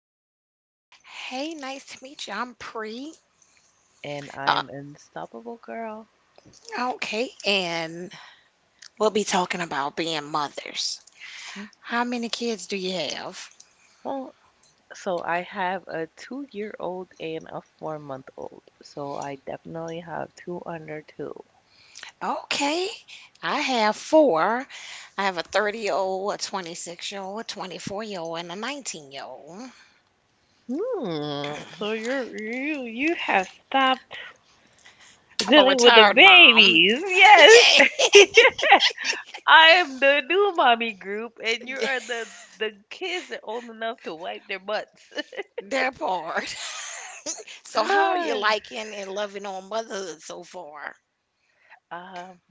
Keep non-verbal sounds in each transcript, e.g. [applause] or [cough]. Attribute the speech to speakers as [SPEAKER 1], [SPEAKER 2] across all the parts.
[SPEAKER 1] right. Hey, nice to meet you. I'm Pre.
[SPEAKER 2] and
[SPEAKER 1] Uh,
[SPEAKER 2] I'm unstoppable, girl.
[SPEAKER 1] okay, and we'll be talking about being mothers.
[SPEAKER 2] Mhm.
[SPEAKER 1] How many kids do you have?
[SPEAKER 2] Well, so I have a two-year-old and a four-month-old, so I definitely have two under two.
[SPEAKER 1] Okay, I have four. I have a 30-year-old year old, a 26-year-old year old, a 24-year-old year old, and a 19-year-old year old.
[SPEAKER 2] Hmm. So you have stopped
[SPEAKER 1] I'm a
[SPEAKER 2] dealing with the
[SPEAKER 1] retired mom. [laughs]
[SPEAKER 2] babies. Yes.
[SPEAKER 1] Yeah,
[SPEAKER 2] [laughs] I am the new mommy group, and you
[SPEAKER 1] [laughs] yeah,
[SPEAKER 2] are the kids are old enough to wipe their butts.
[SPEAKER 1] that part. [laughs] So, how are you
[SPEAKER 2] [sighs]
[SPEAKER 1] liking and loving on motherhood so far?
[SPEAKER 2] Um,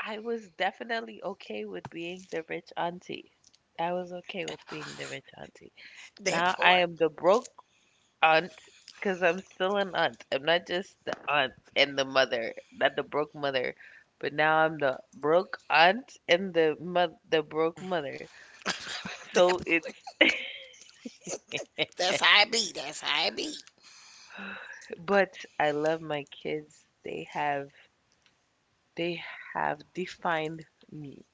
[SPEAKER 2] I was definitely okay with being the rich auntie. I was okay with being the rich auntie.
[SPEAKER 1] That
[SPEAKER 2] Now I
[SPEAKER 1] part.
[SPEAKER 2] am the broke aunt because I'm still an aunt. I'm not just the aunt and the mother, not the broke mother, but now I'm the broke aunt and the the broke mother.
[SPEAKER 1] [laughs] That
[SPEAKER 2] So it's
[SPEAKER 1] part.
[SPEAKER 2] [laughs]
[SPEAKER 1] That's how it be. That's how it be.
[SPEAKER 2] but I love my kids. They have defined me.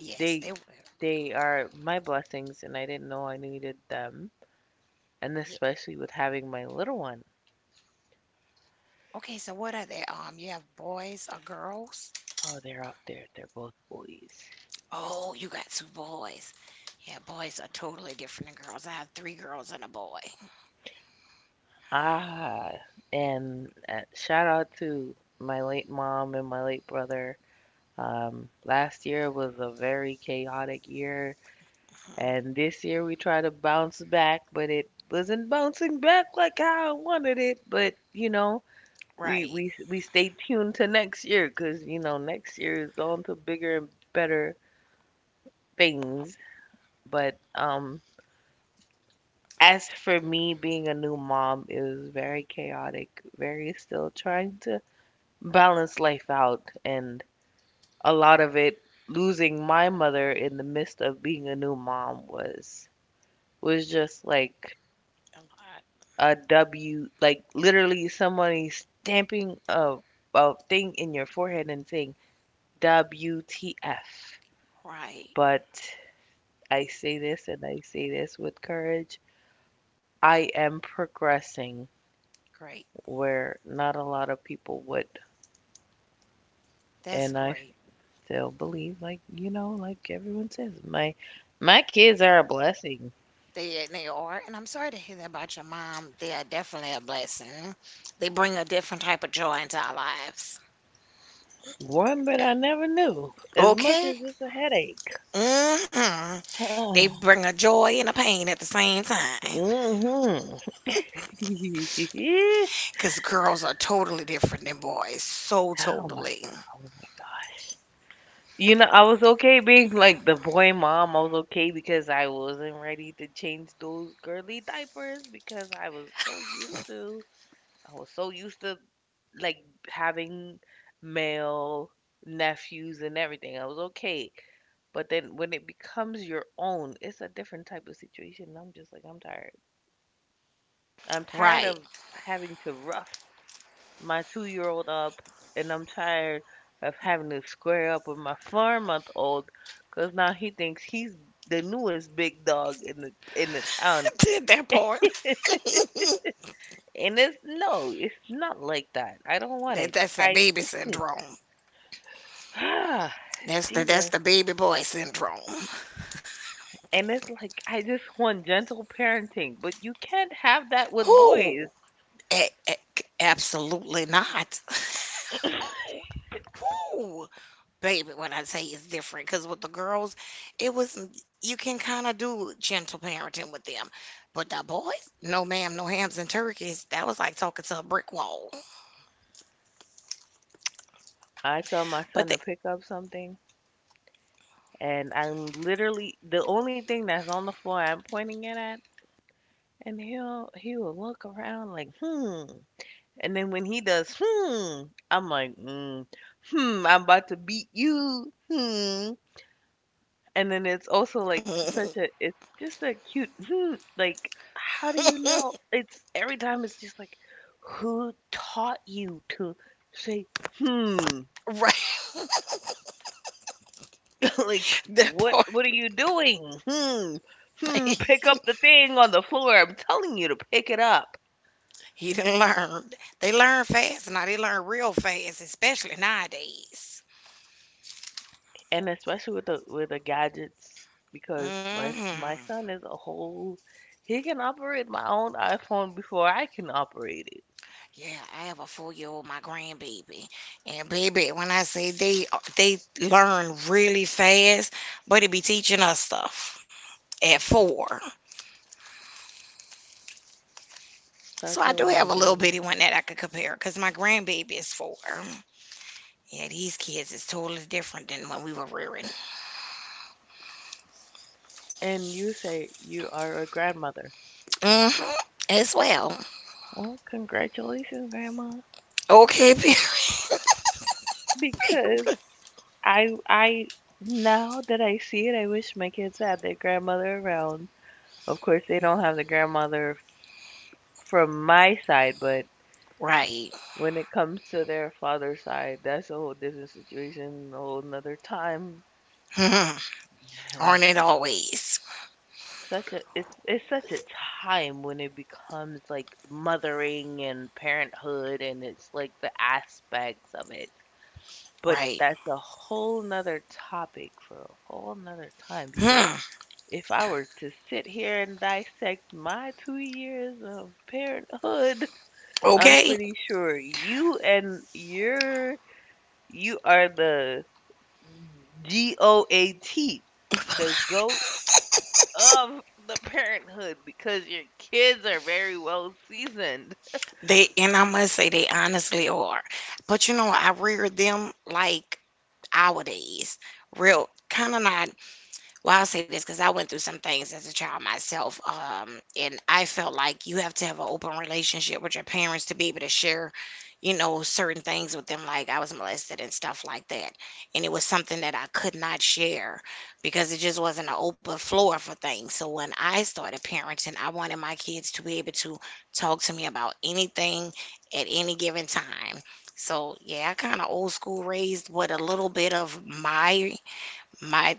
[SPEAKER 1] Yes,
[SPEAKER 2] They
[SPEAKER 1] they were.
[SPEAKER 2] they are my blessings, and I didn't know I needed them, and
[SPEAKER 1] Yeah.
[SPEAKER 2] especially with having my little one.
[SPEAKER 1] Okay, so what are they? You have boys or girls?
[SPEAKER 2] Oh, they're out there. They're both boys.
[SPEAKER 1] Oh, you got two boys. Yeah, boys are totally different than girls. I have three girls and a boy.
[SPEAKER 2] Ah, and shout out to my late mom and my late brother. Last year was a very chaotic year,
[SPEAKER 1] Hmm.
[SPEAKER 2] and this year we tried to bounce back, but it wasn't bouncing back like how I wanted it. But you know, we
[SPEAKER 1] Right.
[SPEAKER 2] we we stay tuned to next year, because you know next year is on to bigger and better things. But as for me, being a new mom is very
[SPEAKER 1] Hmm.
[SPEAKER 2] chaotic, very still trying to balance life out, and a lot of it, losing my mother in the midst of being a new mom, was just like
[SPEAKER 1] A lot.
[SPEAKER 2] a W, like literally somebody stamping a thing in your forehead and saying WTF.
[SPEAKER 1] Right.
[SPEAKER 2] But I say this, and I say this with courage, I am progressing,
[SPEAKER 1] Great.
[SPEAKER 2] where not a lot of people would.
[SPEAKER 1] That's
[SPEAKER 2] And I
[SPEAKER 1] great.
[SPEAKER 2] still believe, like you know, like everyone says, my kids are a blessing.
[SPEAKER 1] They are, and I'm sorry to hear that about your mom. They are definitely a blessing. They bring a different type of joy into our lives.
[SPEAKER 2] One that I never knew. As much
[SPEAKER 1] Okay.
[SPEAKER 2] as it's a headache.
[SPEAKER 1] Hmm. They
[SPEAKER 2] [sighs]
[SPEAKER 1] bring a joy and a pain at the same
[SPEAKER 2] Hmm. [laughs]
[SPEAKER 1] time.
[SPEAKER 2] Oh my
[SPEAKER 1] Because girls are totally different than boys. So
[SPEAKER 2] god! Oh my
[SPEAKER 1] totally.
[SPEAKER 2] gosh! You know, I was okay being like the boy mom. I was okay because I wasn't ready to change those girly diapers because I was so used to like having male nephews and everything. I was okay. But then when it becomes your own, it's a different type of situation. And I'm just like, I'm tired. I'm tired
[SPEAKER 1] Right.
[SPEAKER 2] of having to rough my 2-year-old old up, and I'm tired of having to square up with my 4-month-old old, because now he thinks he's the newest big dog in the
[SPEAKER 1] [laughs]
[SPEAKER 2] town.
[SPEAKER 1] Did that part. [laughs]
[SPEAKER 2] And it's no, it's not like that. I don't want
[SPEAKER 1] that,
[SPEAKER 2] it.
[SPEAKER 1] that's that
[SPEAKER 2] I
[SPEAKER 1] baby syndrome.
[SPEAKER 2] Ah,
[SPEAKER 1] That's the, that's
[SPEAKER 2] Jesus.
[SPEAKER 1] the baby boy syndrome.
[SPEAKER 2] And it's like I just want gentle parenting, but you can't have that with boys.
[SPEAKER 1] Who? Absolutely not. [laughs] Who? Who? Baby, when I say it's different, because with the girls, it was, you can kind of do gentle parenting with them. But the boys, no ma'am, no hams and turkeys. That was like talking to a brick wall.
[SPEAKER 2] I tell my
[SPEAKER 1] But
[SPEAKER 2] son to pick up something, and I'm literally the only thing that's on the floor, I'm pointing it at, and he will look around like hmm, and then when he does hmm, I'm like mm, hmm, I'm about to beat you hmm. And then it's also like
[SPEAKER 1] they,
[SPEAKER 2] such a it's just a cute hmm, like how do you
[SPEAKER 1] [laughs]
[SPEAKER 2] know? It's every time it's just like who taught you to say hmm?
[SPEAKER 1] right. [laughs]
[SPEAKER 2] [laughs] Like
[SPEAKER 1] That part.
[SPEAKER 2] what are you doing? Hmm. Hmm, pick
[SPEAKER 1] Thing.
[SPEAKER 2] up the thing on the floor. I'm telling you to pick it up.
[SPEAKER 1] [laughs] He done learned. They learn fast now. They learn real fast, especially nowadays.
[SPEAKER 2] And especially with the gadgets, because my
[SPEAKER 1] Hmm.
[SPEAKER 2] my son is a whole he can operate my own iPhone before I can operate it.
[SPEAKER 1] Yeah, I have a four-year-old, my grandbaby. And baby, when I say they learn really fast, but it be teaching us stuff at four. So
[SPEAKER 2] Such
[SPEAKER 1] I
[SPEAKER 2] a
[SPEAKER 1] do have a
[SPEAKER 2] long
[SPEAKER 1] little bitty
[SPEAKER 2] journey.
[SPEAKER 1] one that I could compare because my grandbaby is four. Yeah, these kids is totally different than when we were rearing.
[SPEAKER 2] And you say you are a grandmother.
[SPEAKER 1] Hmm. As well.
[SPEAKER 2] Well, congratulations, grandma.
[SPEAKER 1] Okay, [laughs] period.
[SPEAKER 2] Because
[SPEAKER 1] [laughs]
[SPEAKER 2] I now that I see it, I wish my kids had their grandmother around. Of course, they don't have the grandmother from my side, but
[SPEAKER 1] Right.
[SPEAKER 2] when it comes to their father's side, that's a whole different situation, a whole another time.
[SPEAKER 1] Mhm. Aren't it always?
[SPEAKER 2] Such a It's such a time when it becomes like mothering and parenthood, and it's like the aspects of it. But
[SPEAKER 1] Right.
[SPEAKER 2] that's a whole nother topic for a whole nother time, because
[SPEAKER 1] Hmm.
[SPEAKER 2] if I were to sit here and dissect my 2 years of parenthood, [laughs] I'm
[SPEAKER 1] Okay.
[SPEAKER 2] pretty sure you and your you are the GOAT, the goat of the parenthood, because your kids are very well seasoned.
[SPEAKER 1] They and I must say they honestly are. But you know, I rear them like our days. Real kind of not. Well, I'll say this because I went through some things as a child myself, and I felt like you have to have an open relationship with your parents to be able to share, you know, certain things with them. Like I was molested and stuff like that, and it was something that I could not share because it just wasn't an open floor for things. So when I started parenting, I wanted my kids to be able to talk to me about anything at any given time. So yeah, I kind of old school raised with a little bit of my,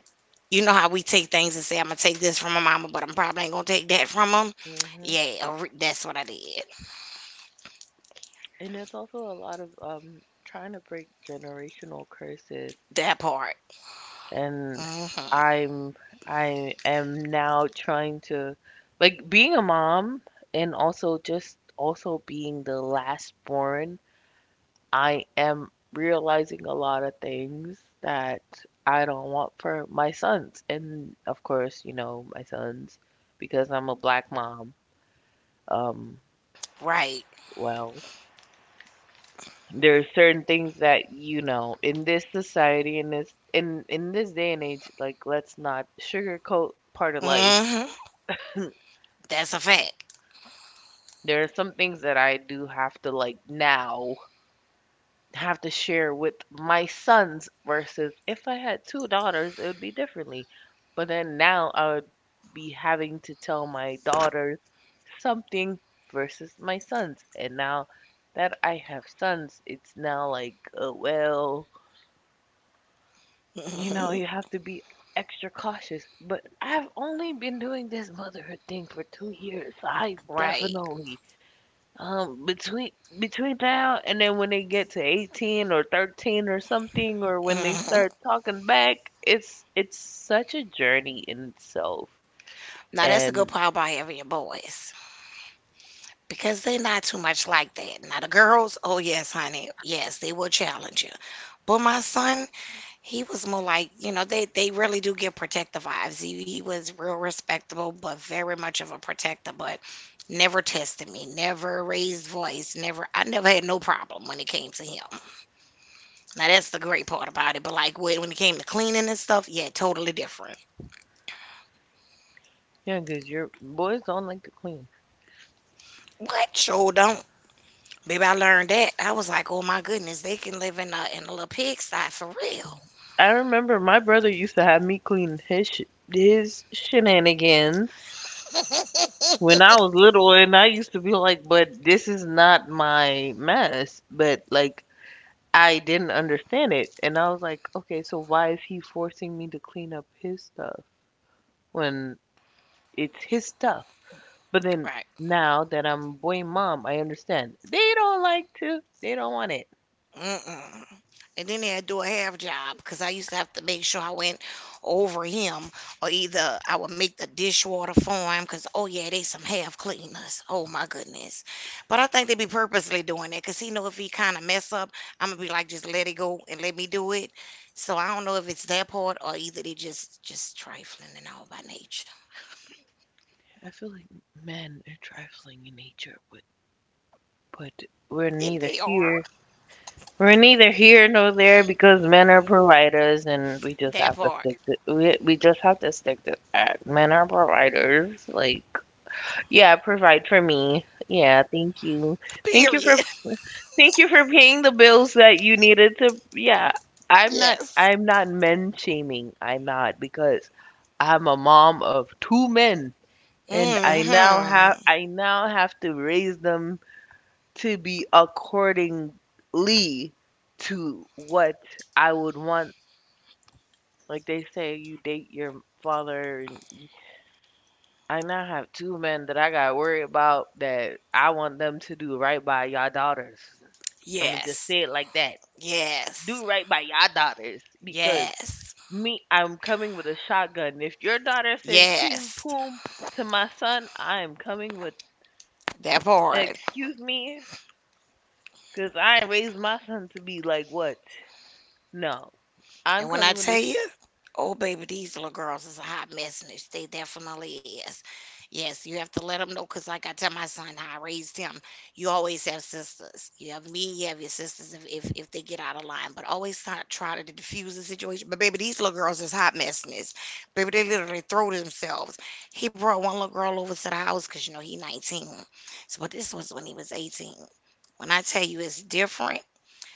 [SPEAKER 1] you know how we take things and say, I'm gonna take this from my mama, but I'm probably ain't gonna take that from them.
[SPEAKER 2] Hmm.
[SPEAKER 1] Yeah, that's what I did.
[SPEAKER 2] And it's also a lot of trying to break generational curses,
[SPEAKER 1] That part.
[SPEAKER 2] and
[SPEAKER 1] Hmm.
[SPEAKER 2] I'm I am now trying to like being a mom, and also just also being the last born, I am realizing a lot of things that I don't want for my sons. And of course, you know, my sons, because I'm a black mom. Um
[SPEAKER 1] Right.
[SPEAKER 2] well, there are certain things that you know in this society, in this day and age, like let's not sugarcoat part of life.
[SPEAKER 1] Hmm. That's a fact.
[SPEAKER 2] There are some things that I do have to, like, now have to share with my sons, versus if I had two daughters, it would be differently. But then now I would be having to tell my daughters something versus my sons. And now that I have sons, it's now like, well, you know,
[SPEAKER 1] Hmm.
[SPEAKER 2] you have to be extra cautious. But I've only been doing this motherhood thing for 2 years. I
[SPEAKER 1] Right.
[SPEAKER 2] definitely Um, between between now and then, when they get to 18 or 13 or something, or when they
[SPEAKER 1] Hmm.
[SPEAKER 2] start talking back, it's such a journey in itself.
[SPEAKER 1] Now that's the good
[SPEAKER 2] And
[SPEAKER 1] part about having your boys because they're not too much like that. Now the girls, oh yes, honey, yes, they will challenge you. But my son. He was more like, you know, they really do give protective vibes. He was real respectable, but very much of a protector, but never tested me, never raised voice, never I never had no problem when it came to him. Now that's the great part about it. But like when it came to cleaning and stuff, yeah, totally different.
[SPEAKER 2] yeah, 'cause your boys don't like to clean.
[SPEAKER 1] What? Sure don't. Baby. I learned that. I was like, oh my goodness, they can live in a little pigsty for real.
[SPEAKER 2] I remember my brother used to have me clean his shenanigans
[SPEAKER 1] [laughs]
[SPEAKER 2] when I was little, and I used to be like, "But this is not my mess." But like, I didn't understand it, and I was like, "Okay, so why is he forcing me to clean up his stuff?" when it's his stuff. But then
[SPEAKER 1] Right.
[SPEAKER 2] now that I'm boy mom, I understand. They don't like to. They don't want it.
[SPEAKER 1] Mm-mm. And then they'd do a half job because I used to have to make sure I went over him or either I would make the dishwater for him because, oh, yeah, they some half cleaners. Oh, my goodness. But I think they be purposely doing that because he know if he kind of mess up, I'm going to be like, just let it go and let me do it. So I don't know if it's that part or either they just trifling and all by nature.
[SPEAKER 2] I feel like men are trifling in nature, but but we're
[SPEAKER 1] And
[SPEAKER 2] neither
[SPEAKER 1] they are
[SPEAKER 2] here. We're neither here nor there, because men are providers, and we just
[SPEAKER 1] that
[SPEAKER 2] have to
[SPEAKER 1] part.
[SPEAKER 2] stick to we just have to stick to that. Men are providers. Like, yeah, provide for me. Yeah, thank you. Thank you
[SPEAKER 1] Period.
[SPEAKER 2] for
[SPEAKER 1] [laughs]
[SPEAKER 2] Thank you for paying the bills that you needed to. Yeah, I'm not.
[SPEAKER 1] Yes.
[SPEAKER 2] I'm not men shaming. I'm not, because I'm a mom of two men, and
[SPEAKER 1] Mm-hmm.
[SPEAKER 2] I now have to raise them to be accordingly to what I would want. Like they say, you date your father, and I now have two men that I gotta worry about, that I want them to do right by y'all daughters. I'm gonna just
[SPEAKER 1] Yes.
[SPEAKER 2] say it like that.
[SPEAKER 1] Yes.
[SPEAKER 2] Do right by your daughters, because
[SPEAKER 1] Yes.
[SPEAKER 2] me, I'm coming with a shotgun. If your daughter says "pim
[SPEAKER 1] Yes,
[SPEAKER 2] poom" to my son, I am coming with.
[SPEAKER 1] that part.
[SPEAKER 2] Excuse me, because I raised my son to be like what? No,
[SPEAKER 1] And
[SPEAKER 2] I'm
[SPEAKER 1] when I
[SPEAKER 2] coming with a.
[SPEAKER 1] tell
[SPEAKER 2] Sh-
[SPEAKER 1] you, oh baby, these little girls is a hot mess, and they definitely is. Yes, you have to let them know, cause like I tell my son how I raised him, you always have sisters. You have me, you have your sisters if they get out of line, but always try to diffuse the situation. But baby, these little girls is hot messiness. Baby, they literally throw themselves. He brought one little girl over to the house, cause you know he 19. So, but this was when he was 18. When I tell you it's different.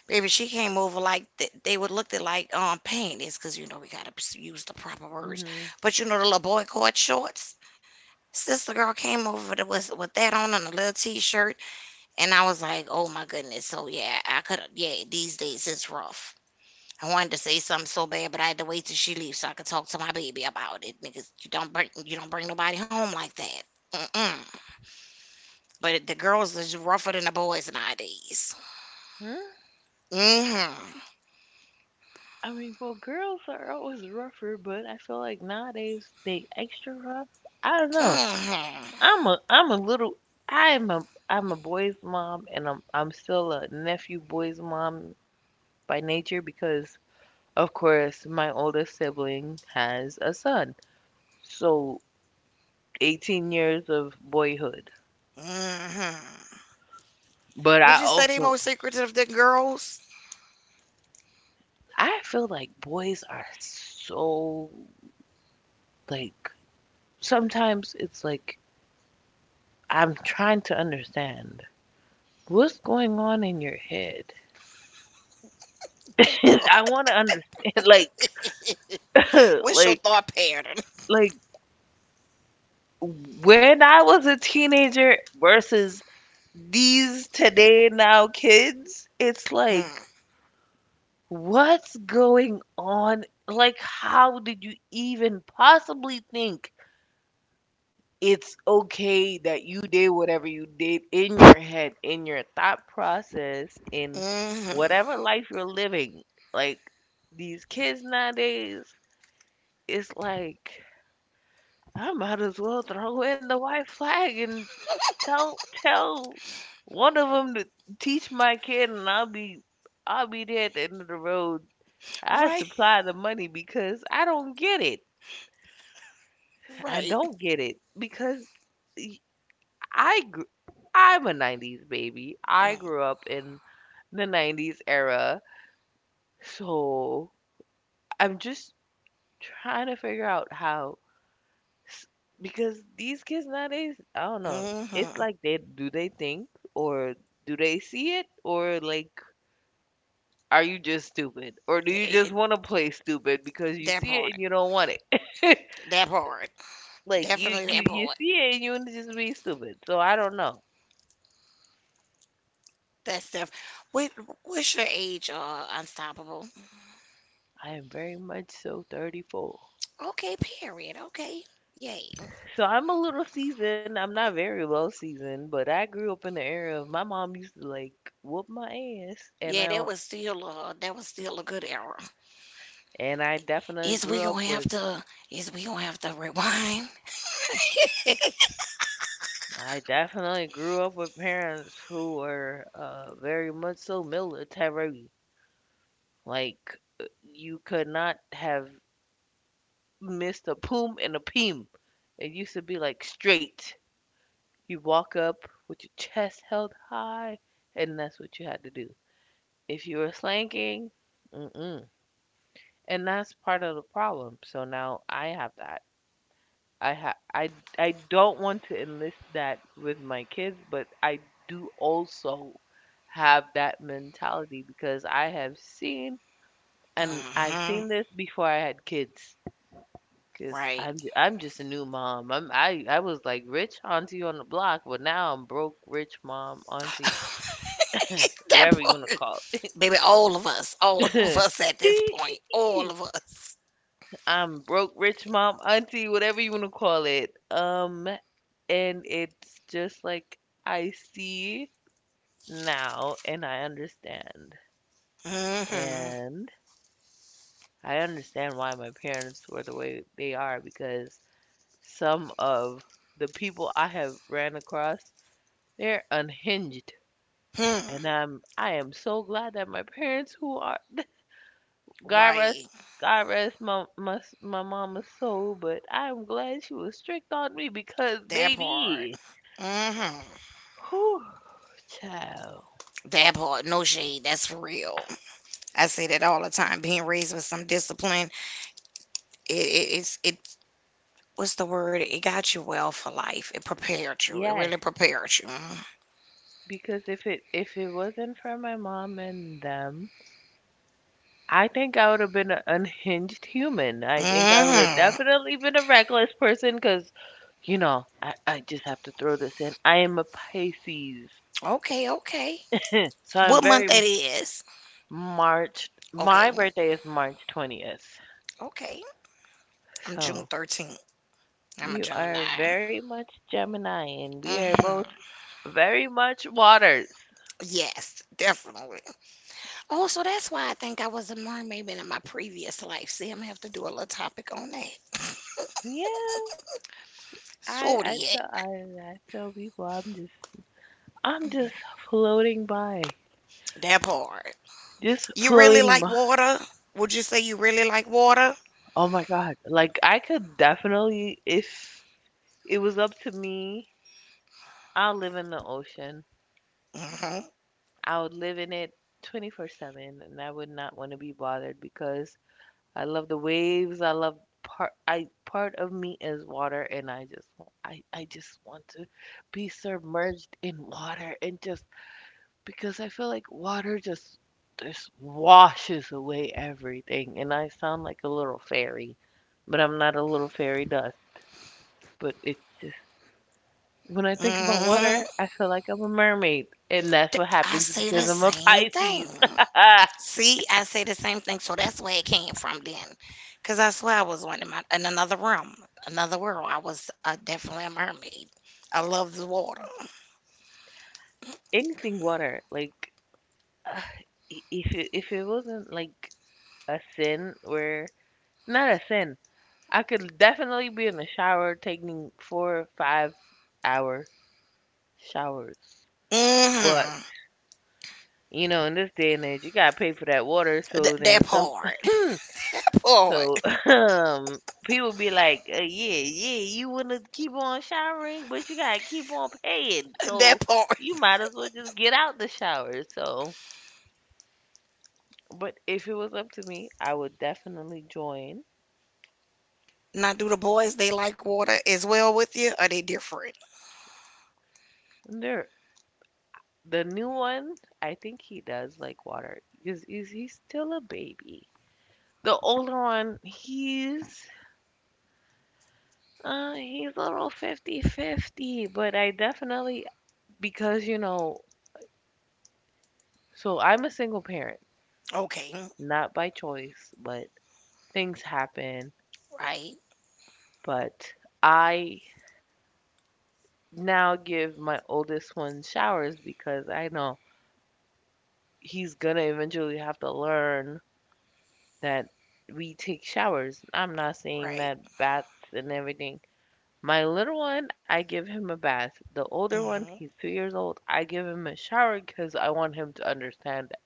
[SPEAKER 1] Baby, she came over like they would looked at like panties, cause you know we gotta use the proper words.
[SPEAKER 2] hmm.
[SPEAKER 1] But you know the little boy cord shorts. Sister girl came over that was with that on and a little t-shirt, and I was like, oh my goodness. So yeah, I could yeah. These days it's rough. I wanted to say something so bad, but I had to wait till she leaves so I could talk to my baby about it. Because you don't bring nobody home like that. Mm-mm. But the girls is rougher than the boys nowadays.
[SPEAKER 2] Huh?
[SPEAKER 1] Mm-hmm.
[SPEAKER 2] I mean, well, girls are always rougher, but I feel like nowadays they extra rough. I don't know.
[SPEAKER 1] Mm-hmm.
[SPEAKER 2] I'm a I'm a little I'm a I'm a boy's mom, and I'm still a nephew boy's mom by nature, because of course, my oldest sibling has a son. So 18 years of boyhood.
[SPEAKER 1] Mm-hmm.
[SPEAKER 2] But I
[SPEAKER 1] Would you say they
[SPEAKER 2] also
[SPEAKER 1] more secretive than girls?
[SPEAKER 2] I feel like boys are so like sometimes it's like I'm trying to understand what's going on in your head.
[SPEAKER 1] That
[SPEAKER 2] [laughs]
[SPEAKER 1] part.
[SPEAKER 2] I want to understand like
[SPEAKER 1] [laughs]
[SPEAKER 2] [laughs]
[SPEAKER 1] What's your
[SPEAKER 2] like
[SPEAKER 1] thought pattern?
[SPEAKER 2] like when I was a teenager versus these today now kids, it's like
[SPEAKER 1] Hmm.
[SPEAKER 2] what's going on? Like, how did you even possibly think it's okay that you did whatever you did in your head, in your thought process, in
[SPEAKER 1] Hmm.
[SPEAKER 2] whatever life you're living? Like, these kids nowadays, it's like, I might as well throw in the white flag and tell one of them to teach my kid, and I'll be there at the end of the road.
[SPEAKER 1] [laughs]
[SPEAKER 2] I
[SPEAKER 1] Right.
[SPEAKER 2] supply the money because I don't get it. I
[SPEAKER 1] Right.
[SPEAKER 2] don't get it because y- I gr- I'm a 90s baby. I grew up in the 90s era. So I'm just trying to figure out how s- because these kids nowadays, I don't know. It's
[SPEAKER 1] Mm-hmm.
[SPEAKER 2] like, they do they think, or do they see it, or like, are you just stupid, or do you
[SPEAKER 1] It,
[SPEAKER 2] just
[SPEAKER 1] it,
[SPEAKER 2] want to play stupid because you
[SPEAKER 1] that
[SPEAKER 2] see it
[SPEAKER 1] part.
[SPEAKER 2] and you don't want it? [laughs]
[SPEAKER 1] That part.
[SPEAKER 2] Like you
[SPEAKER 1] Definitely
[SPEAKER 2] you
[SPEAKER 1] that
[SPEAKER 2] you
[SPEAKER 1] part.
[SPEAKER 2] see it and you wanna just be stupid. So I don't know.
[SPEAKER 1] That stuff. What, what's your age? Unstoppable.
[SPEAKER 2] I am very much so 34.
[SPEAKER 1] Okay. Period. Okay. Yay.
[SPEAKER 2] So I'm a little seasoned. I'm not very well seasoned, but I grew up in the era of my mom used to like whoop my ass, and I
[SPEAKER 1] Yeah,
[SPEAKER 2] don't-
[SPEAKER 1] that was still a good era.
[SPEAKER 2] and
[SPEAKER 1] Is we gonna have to is we gonna have to rewind? [laughs] Mm.
[SPEAKER 2] I definitely grew up with parents who were very much so military. Like you could not have missed a poom and a peem. It used to be like straight. You walk up with your chest held high, and that's what you had to do. If you were slanking, mm-mm. And that's part of the problem. So now I have that. I ha- I don't want to enlist that with my kids, but I do also have that mentality because I have seen, and I've
[SPEAKER 1] Hmm.
[SPEAKER 2] seen this before I had kids. Cause
[SPEAKER 1] Right.
[SPEAKER 2] I'm just a new mom. I was like rich auntie on the block, but now I'm broke rich mom auntie.
[SPEAKER 1] [laughs] That
[SPEAKER 2] Whatever you want to
[SPEAKER 1] part.
[SPEAKER 2] call
[SPEAKER 1] Baby, all of us, all [laughs] of
[SPEAKER 2] it.
[SPEAKER 1] us at this point, all of
[SPEAKER 2] [laughs]
[SPEAKER 1] us.
[SPEAKER 2] I'm broke, rich mom, auntie, whatever you want to call it. And it's just like I see now and I understand.
[SPEAKER 1] Hmm.
[SPEAKER 2] And I understand why my parents were the way they are because some of the people I have ran across, they're unhinged. And
[SPEAKER 1] Hmm.
[SPEAKER 2] I'm I am so glad that my parents who are God rest,
[SPEAKER 1] Right.
[SPEAKER 2] God rest my mama's soul, but I am glad she was strict on me because
[SPEAKER 1] That part.
[SPEAKER 2] baby,
[SPEAKER 1] Hmm.
[SPEAKER 2] whew, child,
[SPEAKER 1] That part. No shade. That's for real. I say that all the time. Being raised with some discipline, it's it. What's the word? It got you well for life. It prepared you. It
[SPEAKER 2] yes.
[SPEAKER 1] really prepared you.
[SPEAKER 2] Because if it wasn't for my mom and them, I think I would have been an unhinged human. I think I would have
[SPEAKER 1] Hmm.
[SPEAKER 2] definitely been a reckless person because, I just have to throw this in. I am a Pisces,
[SPEAKER 1] Okay. Okay.
[SPEAKER 2] so I'm
[SPEAKER 1] What month
[SPEAKER 2] very.
[SPEAKER 1] that is?
[SPEAKER 2] March. My
[SPEAKER 1] Okay.
[SPEAKER 2] birthday is March 20th,
[SPEAKER 1] Okay. I'm June
[SPEAKER 2] so.
[SPEAKER 1] 13th. I'm a
[SPEAKER 2] You are
[SPEAKER 1] Gemini.
[SPEAKER 2] very much Gemini, and we are both
[SPEAKER 1] Hmm.
[SPEAKER 2] very much waters.
[SPEAKER 1] Yes, definitely. Oh, so that's why I think I was a mermaid in my previous life. See, I'm gonna have to do a little topic on that.
[SPEAKER 2] Yeah,
[SPEAKER 1] [laughs]
[SPEAKER 2] I I
[SPEAKER 1] Zodiac,
[SPEAKER 2] tell I, I tell people I'm just floating by,
[SPEAKER 1] that part.
[SPEAKER 2] just
[SPEAKER 1] You really
[SPEAKER 2] floating
[SPEAKER 1] like
[SPEAKER 2] by.
[SPEAKER 1] water? Would you say you really like water?
[SPEAKER 2] Oh my God! Like I could definitely, if it was up to me, I'll live in the ocean.
[SPEAKER 1] Hmm.
[SPEAKER 2] I would live in it 24/7, and I would not want to be bothered because I love the waves. I love part. I part of me is water, and I just want to be submerged in water, and just because I feel like water just washes away everything. And I sound like a little fairy, but I'm not a little fairy dust. But it's just when I think about
[SPEAKER 1] Hmm.
[SPEAKER 2] water, I feel like I'm a mermaid, and that's what
[SPEAKER 1] I
[SPEAKER 2] happens
[SPEAKER 1] say the
[SPEAKER 2] because I'm a
[SPEAKER 1] same thing.
[SPEAKER 2] Pisces. [laughs]
[SPEAKER 1] See, I say the same thing. So that's where it came from then. Because I swear I was one in another room, another world. I was definitely a mermaid. I love the water.
[SPEAKER 2] Anything water, like. [sighs] If it wasn't like a sin where, not a sin. I could definitely be in the shower taking 4 or 5 hour showers. But,
[SPEAKER 1] Mm-hmm.
[SPEAKER 2] in this day and age you gotta pay for that water,
[SPEAKER 1] Th-
[SPEAKER 2] so then
[SPEAKER 1] that
[SPEAKER 2] some
[SPEAKER 1] part. [laughs] That
[SPEAKER 2] [laughs]
[SPEAKER 1] part.
[SPEAKER 2] so [laughs] um people be like, yeah, yeah, you wanna keep on showering, but you gotta keep on paying.
[SPEAKER 1] That
[SPEAKER 2] So
[SPEAKER 1] part.
[SPEAKER 2] you might as well just get out the shower. So but if it was up to me, I would definitely join.
[SPEAKER 1] Now, do the boys, they like water as well with you? Are they different?
[SPEAKER 2] There The new one, I think he does like water because he's still a baby. The older one, he's a little 50/50, but I definitely, because so I'm a single parent,
[SPEAKER 1] Okay.
[SPEAKER 2] not by choice, but things happen.
[SPEAKER 1] Right.
[SPEAKER 2] But I now give my oldest one showers because I know he's gonna eventually have to learn that we take showers. I'm not saying
[SPEAKER 1] Right.
[SPEAKER 2] that baths and everything. My little one, I give him a bath. The older one,
[SPEAKER 1] Mm-hmm.
[SPEAKER 2] he's 2 years old. I give him a shower because I want him to understand that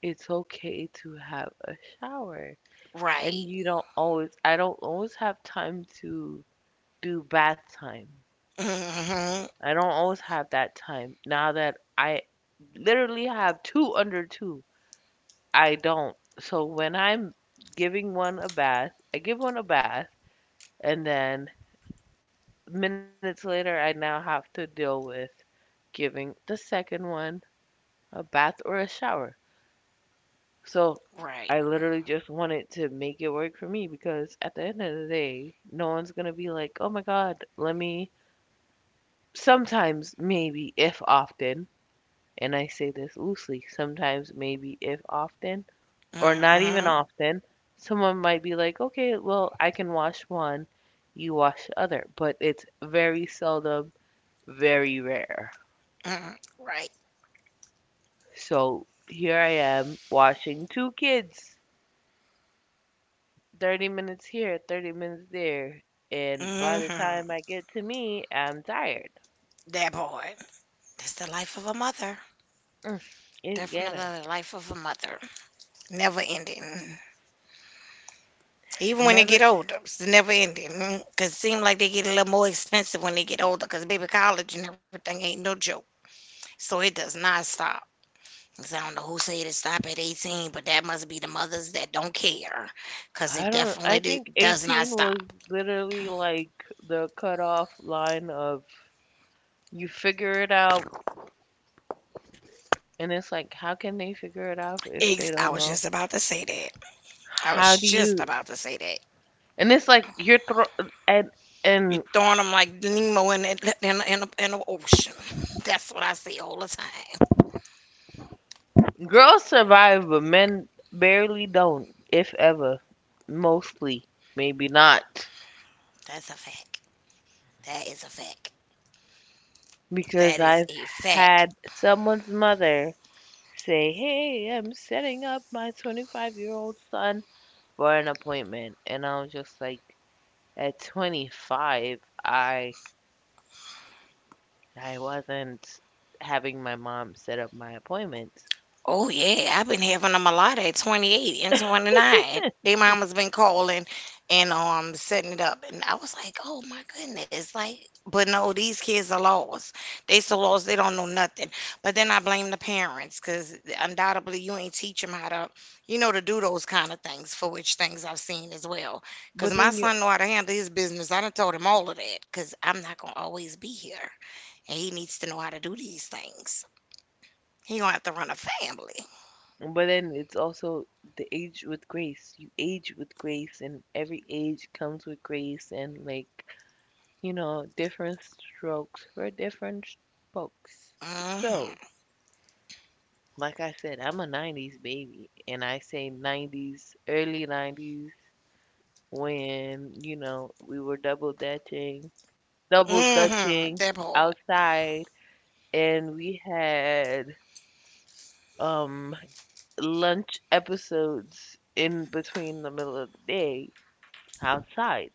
[SPEAKER 2] it's okay to have a shower.
[SPEAKER 1] Right.
[SPEAKER 2] And you don't always, I don't always have time to do bath time.
[SPEAKER 1] Mm-hmm.
[SPEAKER 2] I don't always have that time. Now that I literally have two under two, I don't. So when I'm giving one a bath, I give one a bath, and then minutes later, I now have to deal with giving the second one a bath or a shower. So
[SPEAKER 1] Right.
[SPEAKER 2] I literally just wanted to make it work for me because at the end of the day, no one's going to be like, oh my God, let me. Sometimes, maybe, if often, and I say this loosely, sometimes, maybe, if often, or not even
[SPEAKER 1] Mm-hmm. Mm.
[SPEAKER 2] often, someone might be like, okay, well, I can wash one, you wash the other. But it's very seldom, very rare.
[SPEAKER 1] Hmm. Right.
[SPEAKER 2] So here I am washing two kids 30 minutes here, 30 minutes there. And by the
[SPEAKER 1] Mm-hmm.
[SPEAKER 2] time I get to me, I'm tired.
[SPEAKER 1] That part. That's the life of a mother.
[SPEAKER 2] Mm, It's
[SPEAKER 1] Definitely
[SPEAKER 2] ghetto.
[SPEAKER 1] the life of a mother. Never ending. Even when they get
[SPEAKER 2] Never.
[SPEAKER 1] older, it's never ending. Because it seems like they get a little more expensive when they get older because baby college and everything ain't no joke. So it does not stop. 'Cause I don't know who said it stop at 18, but that must be the mothers that don't care, 'cause it
[SPEAKER 2] I don't,
[SPEAKER 1] definitely
[SPEAKER 2] I think
[SPEAKER 1] does not
[SPEAKER 2] 18 was
[SPEAKER 1] stop.
[SPEAKER 2] literally like the cutoff line of, you figure it out. And it's like, how can they figure it out if they
[SPEAKER 1] I
[SPEAKER 2] don't
[SPEAKER 1] was
[SPEAKER 2] know?
[SPEAKER 1] just about to say that. I was
[SPEAKER 2] How do
[SPEAKER 1] just
[SPEAKER 2] you,
[SPEAKER 1] about to say that.
[SPEAKER 2] and it's like you're, and
[SPEAKER 1] You're throwing them like Nemo in the ocean. [laughs] That's what I say all the time.
[SPEAKER 2] girls survive, but men barely don't, if ever, mostly, maybe not.
[SPEAKER 1] That's a fact. That is a fact.
[SPEAKER 2] Because
[SPEAKER 1] That is
[SPEAKER 2] I've
[SPEAKER 1] a fact.
[SPEAKER 2] had someone's mother say, "Hey, I'm setting up my 25-year-old son for an appointment." And I was just like, at 25, I, I wasn't having my mom set up my appointments.
[SPEAKER 1] Oh yeah, I've been having them a lot at 28 and 29. Their mama's been calling and setting it up, and I was like, oh my goodness, like, but no, these kids are lost. They so lost they don't know nothing. But then I blame the parents because undoubtedly you ain't teach them how to, you know, to do those kind of things. For which things I've seen as well, because
[SPEAKER 2] But
[SPEAKER 1] my
[SPEAKER 2] then you,
[SPEAKER 1] son know how to handle his business. I done told him all of that because I'm not gonna always be here, and he needs to know how to do these things. He gonna have to run a family.
[SPEAKER 2] but then it's also the age with grace. You age with grace, and every age comes with grace, and like, different strokes for different folks.
[SPEAKER 1] Mhm.
[SPEAKER 2] So, like I said, I'm a 90s baby, and I say 90s, early 90s, when, we were double
[SPEAKER 1] Mhm.
[SPEAKER 2] dutching
[SPEAKER 1] That part.
[SPEAKER 2] outside, and we had um lunch episodes in between the middle of the day outside.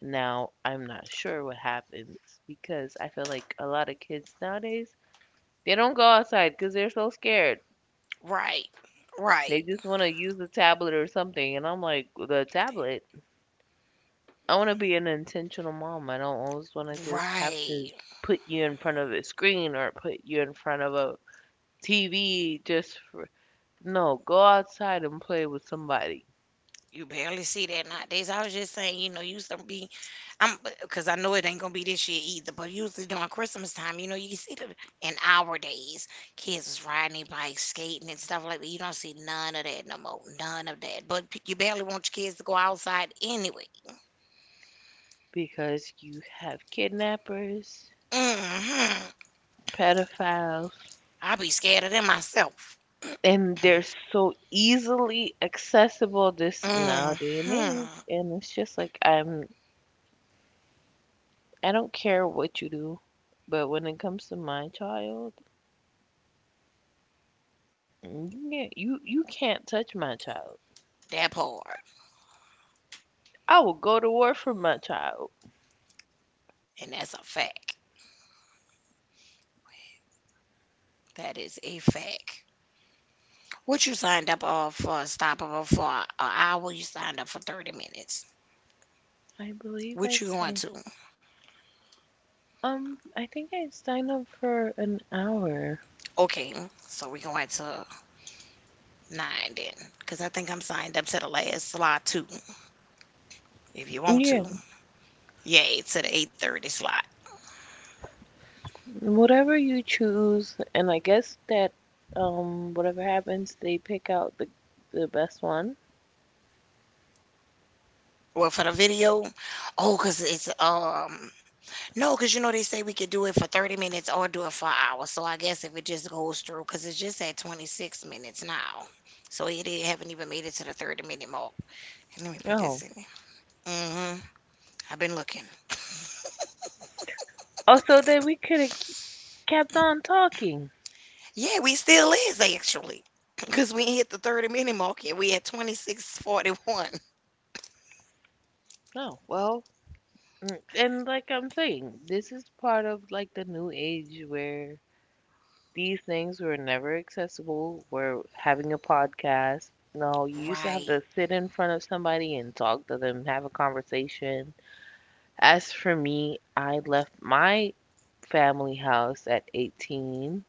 [SPEAKER 2] Now, I'm not sure what happens because I feel like a lot of kids nowadays, they don't go outside because they're so scared.
[SPEAKER 1] Right.
[SPEAKER 2] They
[SPEAKER 1] Right.
[SPEAKER 2] just want to use a tablet or something. And I'm like, the tablet? I want to be an intentional mom. I don't always want to just have to
[SPEAKER 1] Right.
[SPEAKER 2] put you in front of a screen or put you in front of a TV just for, no, go outside and play with somebody
[SPEAKER 1] You barely see that nowadays. I was just saying, you know, used to be I'm because I know it ain't gonna be this year either, but usually during Christmas time, you know, you see the in our days, kids is riding their bikes, skating and stuff like that. You don't see none of that no more. None of that. But you barely want your kids to go outside anyway.
[SPEAKER 2] because you have kidnappers,
[SPEAKER 1] Mm-hmm.
[SPEAKER 2] pedophiles,
[SPEAKER 1] I be scared of them myself.
[SPEAKER 2] and they're so easily accessible this now day and age.
[SPEAKER 1] Mm-hmm.
[SPEAKER 2] And it's just like I don't care what you do, but when it comes to my child, you can't touch my child.
[SPEAKER 1] That part.
[SPEAKER 2] I will go to war for my child.
[SPEAKER 1] And that's a fact. That is a fact. What you signed up for stoppable for an hour, you signed up for 30 minutes.
[SPEAKER 2] I believe I
[SPEAKER 1] What you going
[SPEAKER 2] signed.
[SPEAKER 1] to?
[SPEAKER 2] I think I signed up for an hour.
[SPEAKER 1] Okay, so we going to 9 then. Because I think I'm signed up to the last slot too, if you want
[SPEAKER 2] Yeah,
[SPEAKER 1] to. Yay, to the 8:30 slot.
[SPEAKER 2] whatever you choose, and I guess that whatever happens, they pick out the best one.
[SPEAKER 1] Well, for the video, oh, because it's, no, because you know they say we could do it for 30 minutes or do it for an hour. So I guess if it just goes through, because it's just at 26 minutes now. So it haven't even made it to the 30-minute mark. Let me put
[SPEAKER 2] Oh,
[SPEAKER 1] this in. Hmm. I've been looking.
[SPEAKER 2] also then we could have kept on talking.
[SPEAKER 1] Yeah, we still is actually. [clears throat] Because we hit the 30-minute mark and we at 26:41.
[SPEAKER 2] Oh well, and like I'm saying, this is part of like the new age where these things were never accessible. We're having a podcast. No, you used to have to
[SPEAKER 1] Right.
[SPEAKER 2] sit in front of somebody and talk to them, have a conversation. As for me, I left my family house at 18,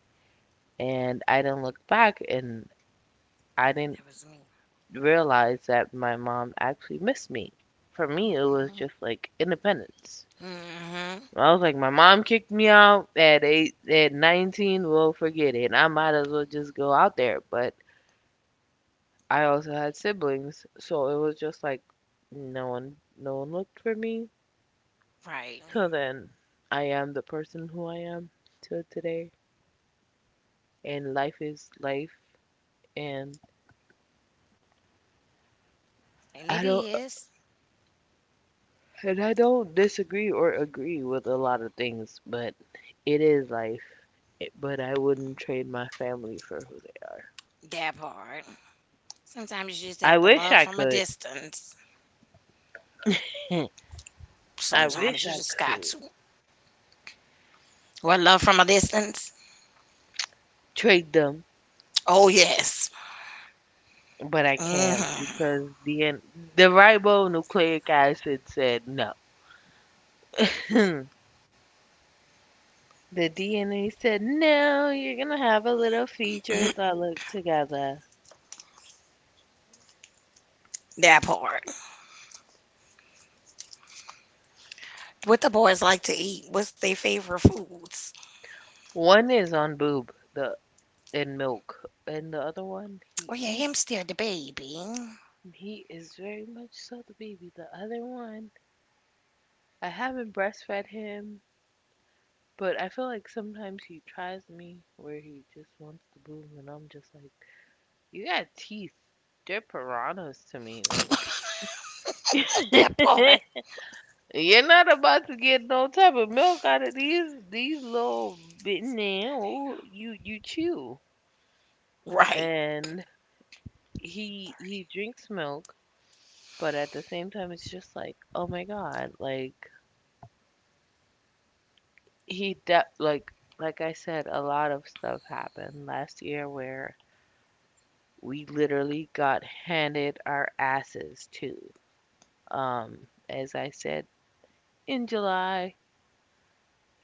[SPEAKER 2] and I didn't look back, and I didn't
[SPEAKER 1] That was me.
[SPEAKER 2] realize that my mom actually missed me. For me, it was
[SPEAKER 1] Hmm.
[SPEAKER 2] just like independence.
[SPEAKER 1] Hmm.
[SPEAKER 2] I was like, my mom kicked me out at 8, at 19. Well, forget it. I might as well just go out there. But I also had siblings, so it was just like no one no one looked for me. [laughs]
[SPEAKER 1] Right.
[SPEAKER 2] So then I am the person who I am till today, and life is life, and
[SPEAKER 1] And
[SPEAKER 2] I
[SPEAKER 1] it
[SPEAKER 2] don't
[SPEAKER 1] is
[SPEAKER 2] I don't disagree or agree with a lot of things, but it is life. But I wouldn't trade my family for who they are.
[SPEAKER 1] that part. Sometimes you just
[SPEAKER 2] I
[SPEAKER 1] have to
[SPEAKER 2] wish
[SPEAKER 1] love
[SPEAKER 2] I
[SPEAKER 1] from a
[SPEAKER 2] could.
[SPEAKER 1] distance.
[SPEAKER 2] [laughs] I wish
[SPEAKER 1] Sometimes you
[SPEAKER 2] I
[SPEAKER 1] just got
[SPEAKER 2] could
[SPEAKER 1] to. What love from a distance?
[SPEAKER 2] trade them,
[SPEAKER 1] Oh, yes.
[SPEAKER 2] but I can't
[SPEAKER 1] Hmm.
[SPEAKER 2] because the ribonucleic acid said no. Hmm. The DNA said, "No, you're gonna have a little features
[SPEAKER 1] [clears throat]
[SPEAKER 2] that look together."
[SPEAKER 1] That part. What the boys like to eat? What's their favorite foods?
[SPEAKER 2] One is on boob, the in milk, and the other one
[SPEAKER 1] Oh,
[SPEAKER 2] he
[SPEAKER 1] yeah,
[SPEAKER 2] eat.
[SPEAKER 1] him still the baby.
[SPEAKER 2] He is very much so the baby. The other one, I haven't breastfed him, but I feel like sometimes he tries me where he just wants to boob, and I'm just like, you got teeth. They're piranhas to me. Like,
[SPEAKER 1] [laughs] That part.
[SPEAKER 2] [laughs] you're not about to get no type of milk out of these little bit now. Ooh, You chew,
[SPEAKER 1] Right.
[SPEAKER 2] and he drinks milk, but at the same time, it's just like, oh my God, like he de like I said, a lot of stuff happened last year where we literally got handed our asses to. Um, as I said, in July,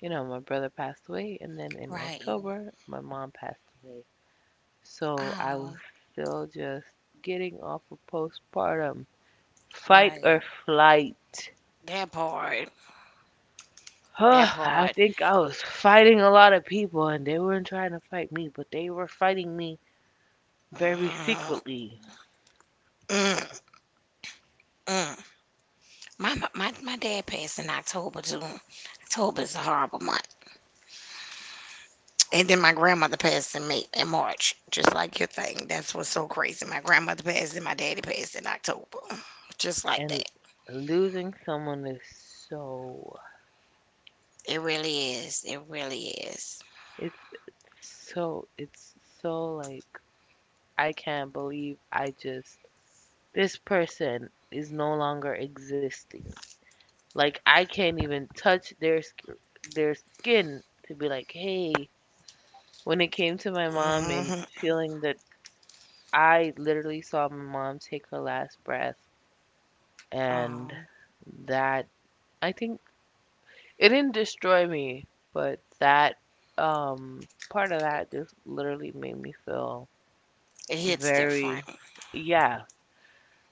[SPEAKER 2] my brother passed away, and then in
[SPEAKER 1] Right.
[SPEAKER 2] October, my mom passed away. So I was
[SPEAKER 1] Oh,
[SPEAKER 2] still just getting off of postpartum. Fight or
[SPEAKER 1] right.
[SPEAKER 2] flight. [sighs]
[SPEAKER 1] That part.
[SPEAKER 2] Huh,
[SPEAKER 1] That
[SPEAKER 2] I
[SPEAKER 1] part.
[SPEAKER 2] think I was fighting a lot of people, and they weren't trying to fight me, but they were fighting me very
[SPEAKER 1] Mm,
[SPEAKER 2] secretly.
[SPEAKER 1] mm, mm. My dad passed in October too. October is a horrible month. And then my grandmother passed in May in March, just like your thing. That's what's so crazy. My grandmother passed and my daddy passed in October, just like that.
[SPEAKER 2] And losing someone is so,
[SPEAKER 1] It really is. It really is.
[SPEAKER 2] it's so, it's so, like, I can't believe I just, this person is no longer existing. Like, I can't even touch their skin to be like, hey. When it came to my mom and
[SPEAKER 1] Hmm.
[SPEAKER 2] feeling that, I literally saw my mom take her last breath, and
[SPEAKER 1] Oh,
[SPEAKER 2] that, I think, it didn't destroy me, but that part of that just literally made me feel
[SPEAKER 1] it hits
[SPEAKER 2] very,
[SPEAKER 1] different.
[SPEAKER 2] yeah.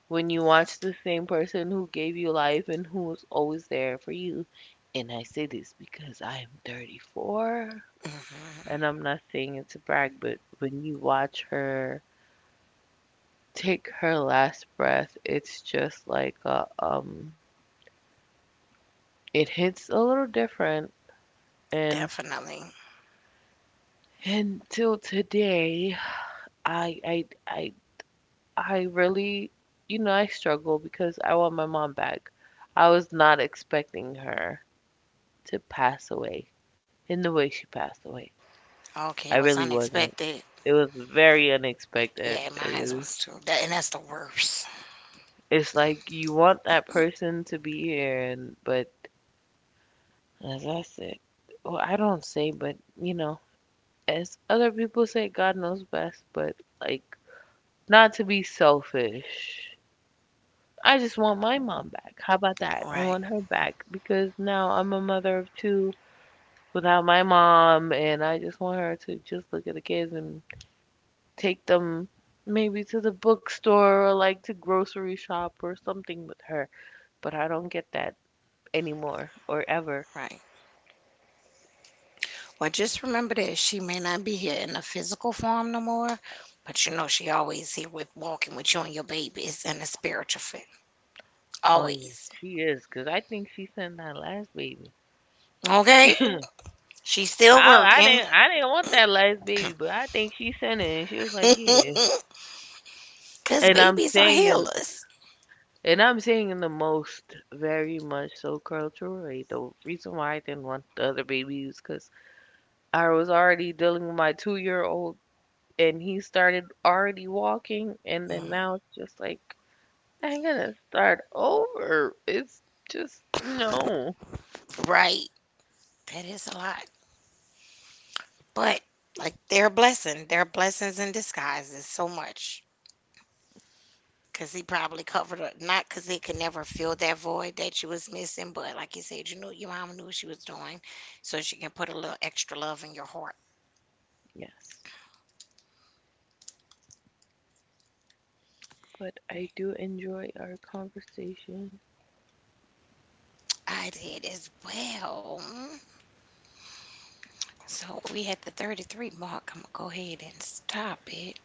[SPEAKER 2] When you watch the same person who gave you life and who was always there for you, and I say this because I'm 34.
[SPEAKER 1] Hmm.
[SPEAKER 2] And I'm not saying it to brag, but when you watch her take her last breath, it's just like a, it hits a little different. And
[SPEAKER 1] Definitely.
[SPEAKER 2] until today, I, I, I, I really, I struggle because I want my mom back. I was not expecting her to pass away in the way she passed away. I
[SPEAKER 1] Okay, it was
[SPEAKER 2] really wasn't.
[SPEAKER 1] unexpected.
[SPEAKER 2] It was very unexpected.
[SPEAKER 1] Yeah,
[SPEAKER 2] It
[SPEAKER 1] mine
[SPEAKER 2] was
[SPEAKER 1] was too. And that's the worst.
[SPEAKER 2] It's like you want that person to be here, and but as I said, well, I don't say, but as other people say, God knows best. But like, not to be selfish. I just want my mom back. How about that? I
[SPEAKER 1] Right,
[SPEAKER 2] want her back because now I'm a mother of two without my mom, and I just want her to just look at the kids and take them maybe to the bookstore or like to grocery shop or something with her. But I don't get that anymore or ever.
[SPEAKER 1] right. Well, just remember that she may not be here in a physical form no more, but you know she always here with walking with you and your babies in a spiritual form.
[SPEAKER 2] Oh yeah,
[SPEAKER 1] Always.
[SPEAKER 2] she is, 'cause I think she sent that last baby. [laughs]
[SPEAKER 1] Okay?
[SPEAKER 2] I
[SPEAKER 1] She's still
[SPEAKER 2] I
[SPEAKER 1] working.
[SPEAKER 2] didn't I didn't want that last baby, but I think she sent it, and she was like, yeah.
[SPEAKER 1] [laughs] Because
[SPEAKER 2] And I'm
[SPEAKER 1] babies are
[SPEAKER 2] saying in
[SPEAKER 1] healers.
[SPEAKER 2] and I'm saying in the most very much so cultural way. The reason why I didn't want the other baby is 'cause I was already dealing with my 2-year old, and he started already walking, and then
[SPEAKER 1] Mhm.
[SPEAKER 2] now it's just like I'm gonna start over. It's just no.
[SPEAKER 1] Right. That is a lot. But, like, they're a blessing. They're blessings in disguise. There's so much. Cause he probably covered up, not cause he could never fill that void that you was missing, but like you said, you knew your mom knew what she was doing, so she can put a little extra love in your heart.
[SPEAKER 2] Yes, but I
[SPEAKER 1] Right.
[SPEAKER 2] do enjoy our conversation.
[SPEAKER 1] I did as well. So we had the 33 mark. I'm gonna go ahead and stop it.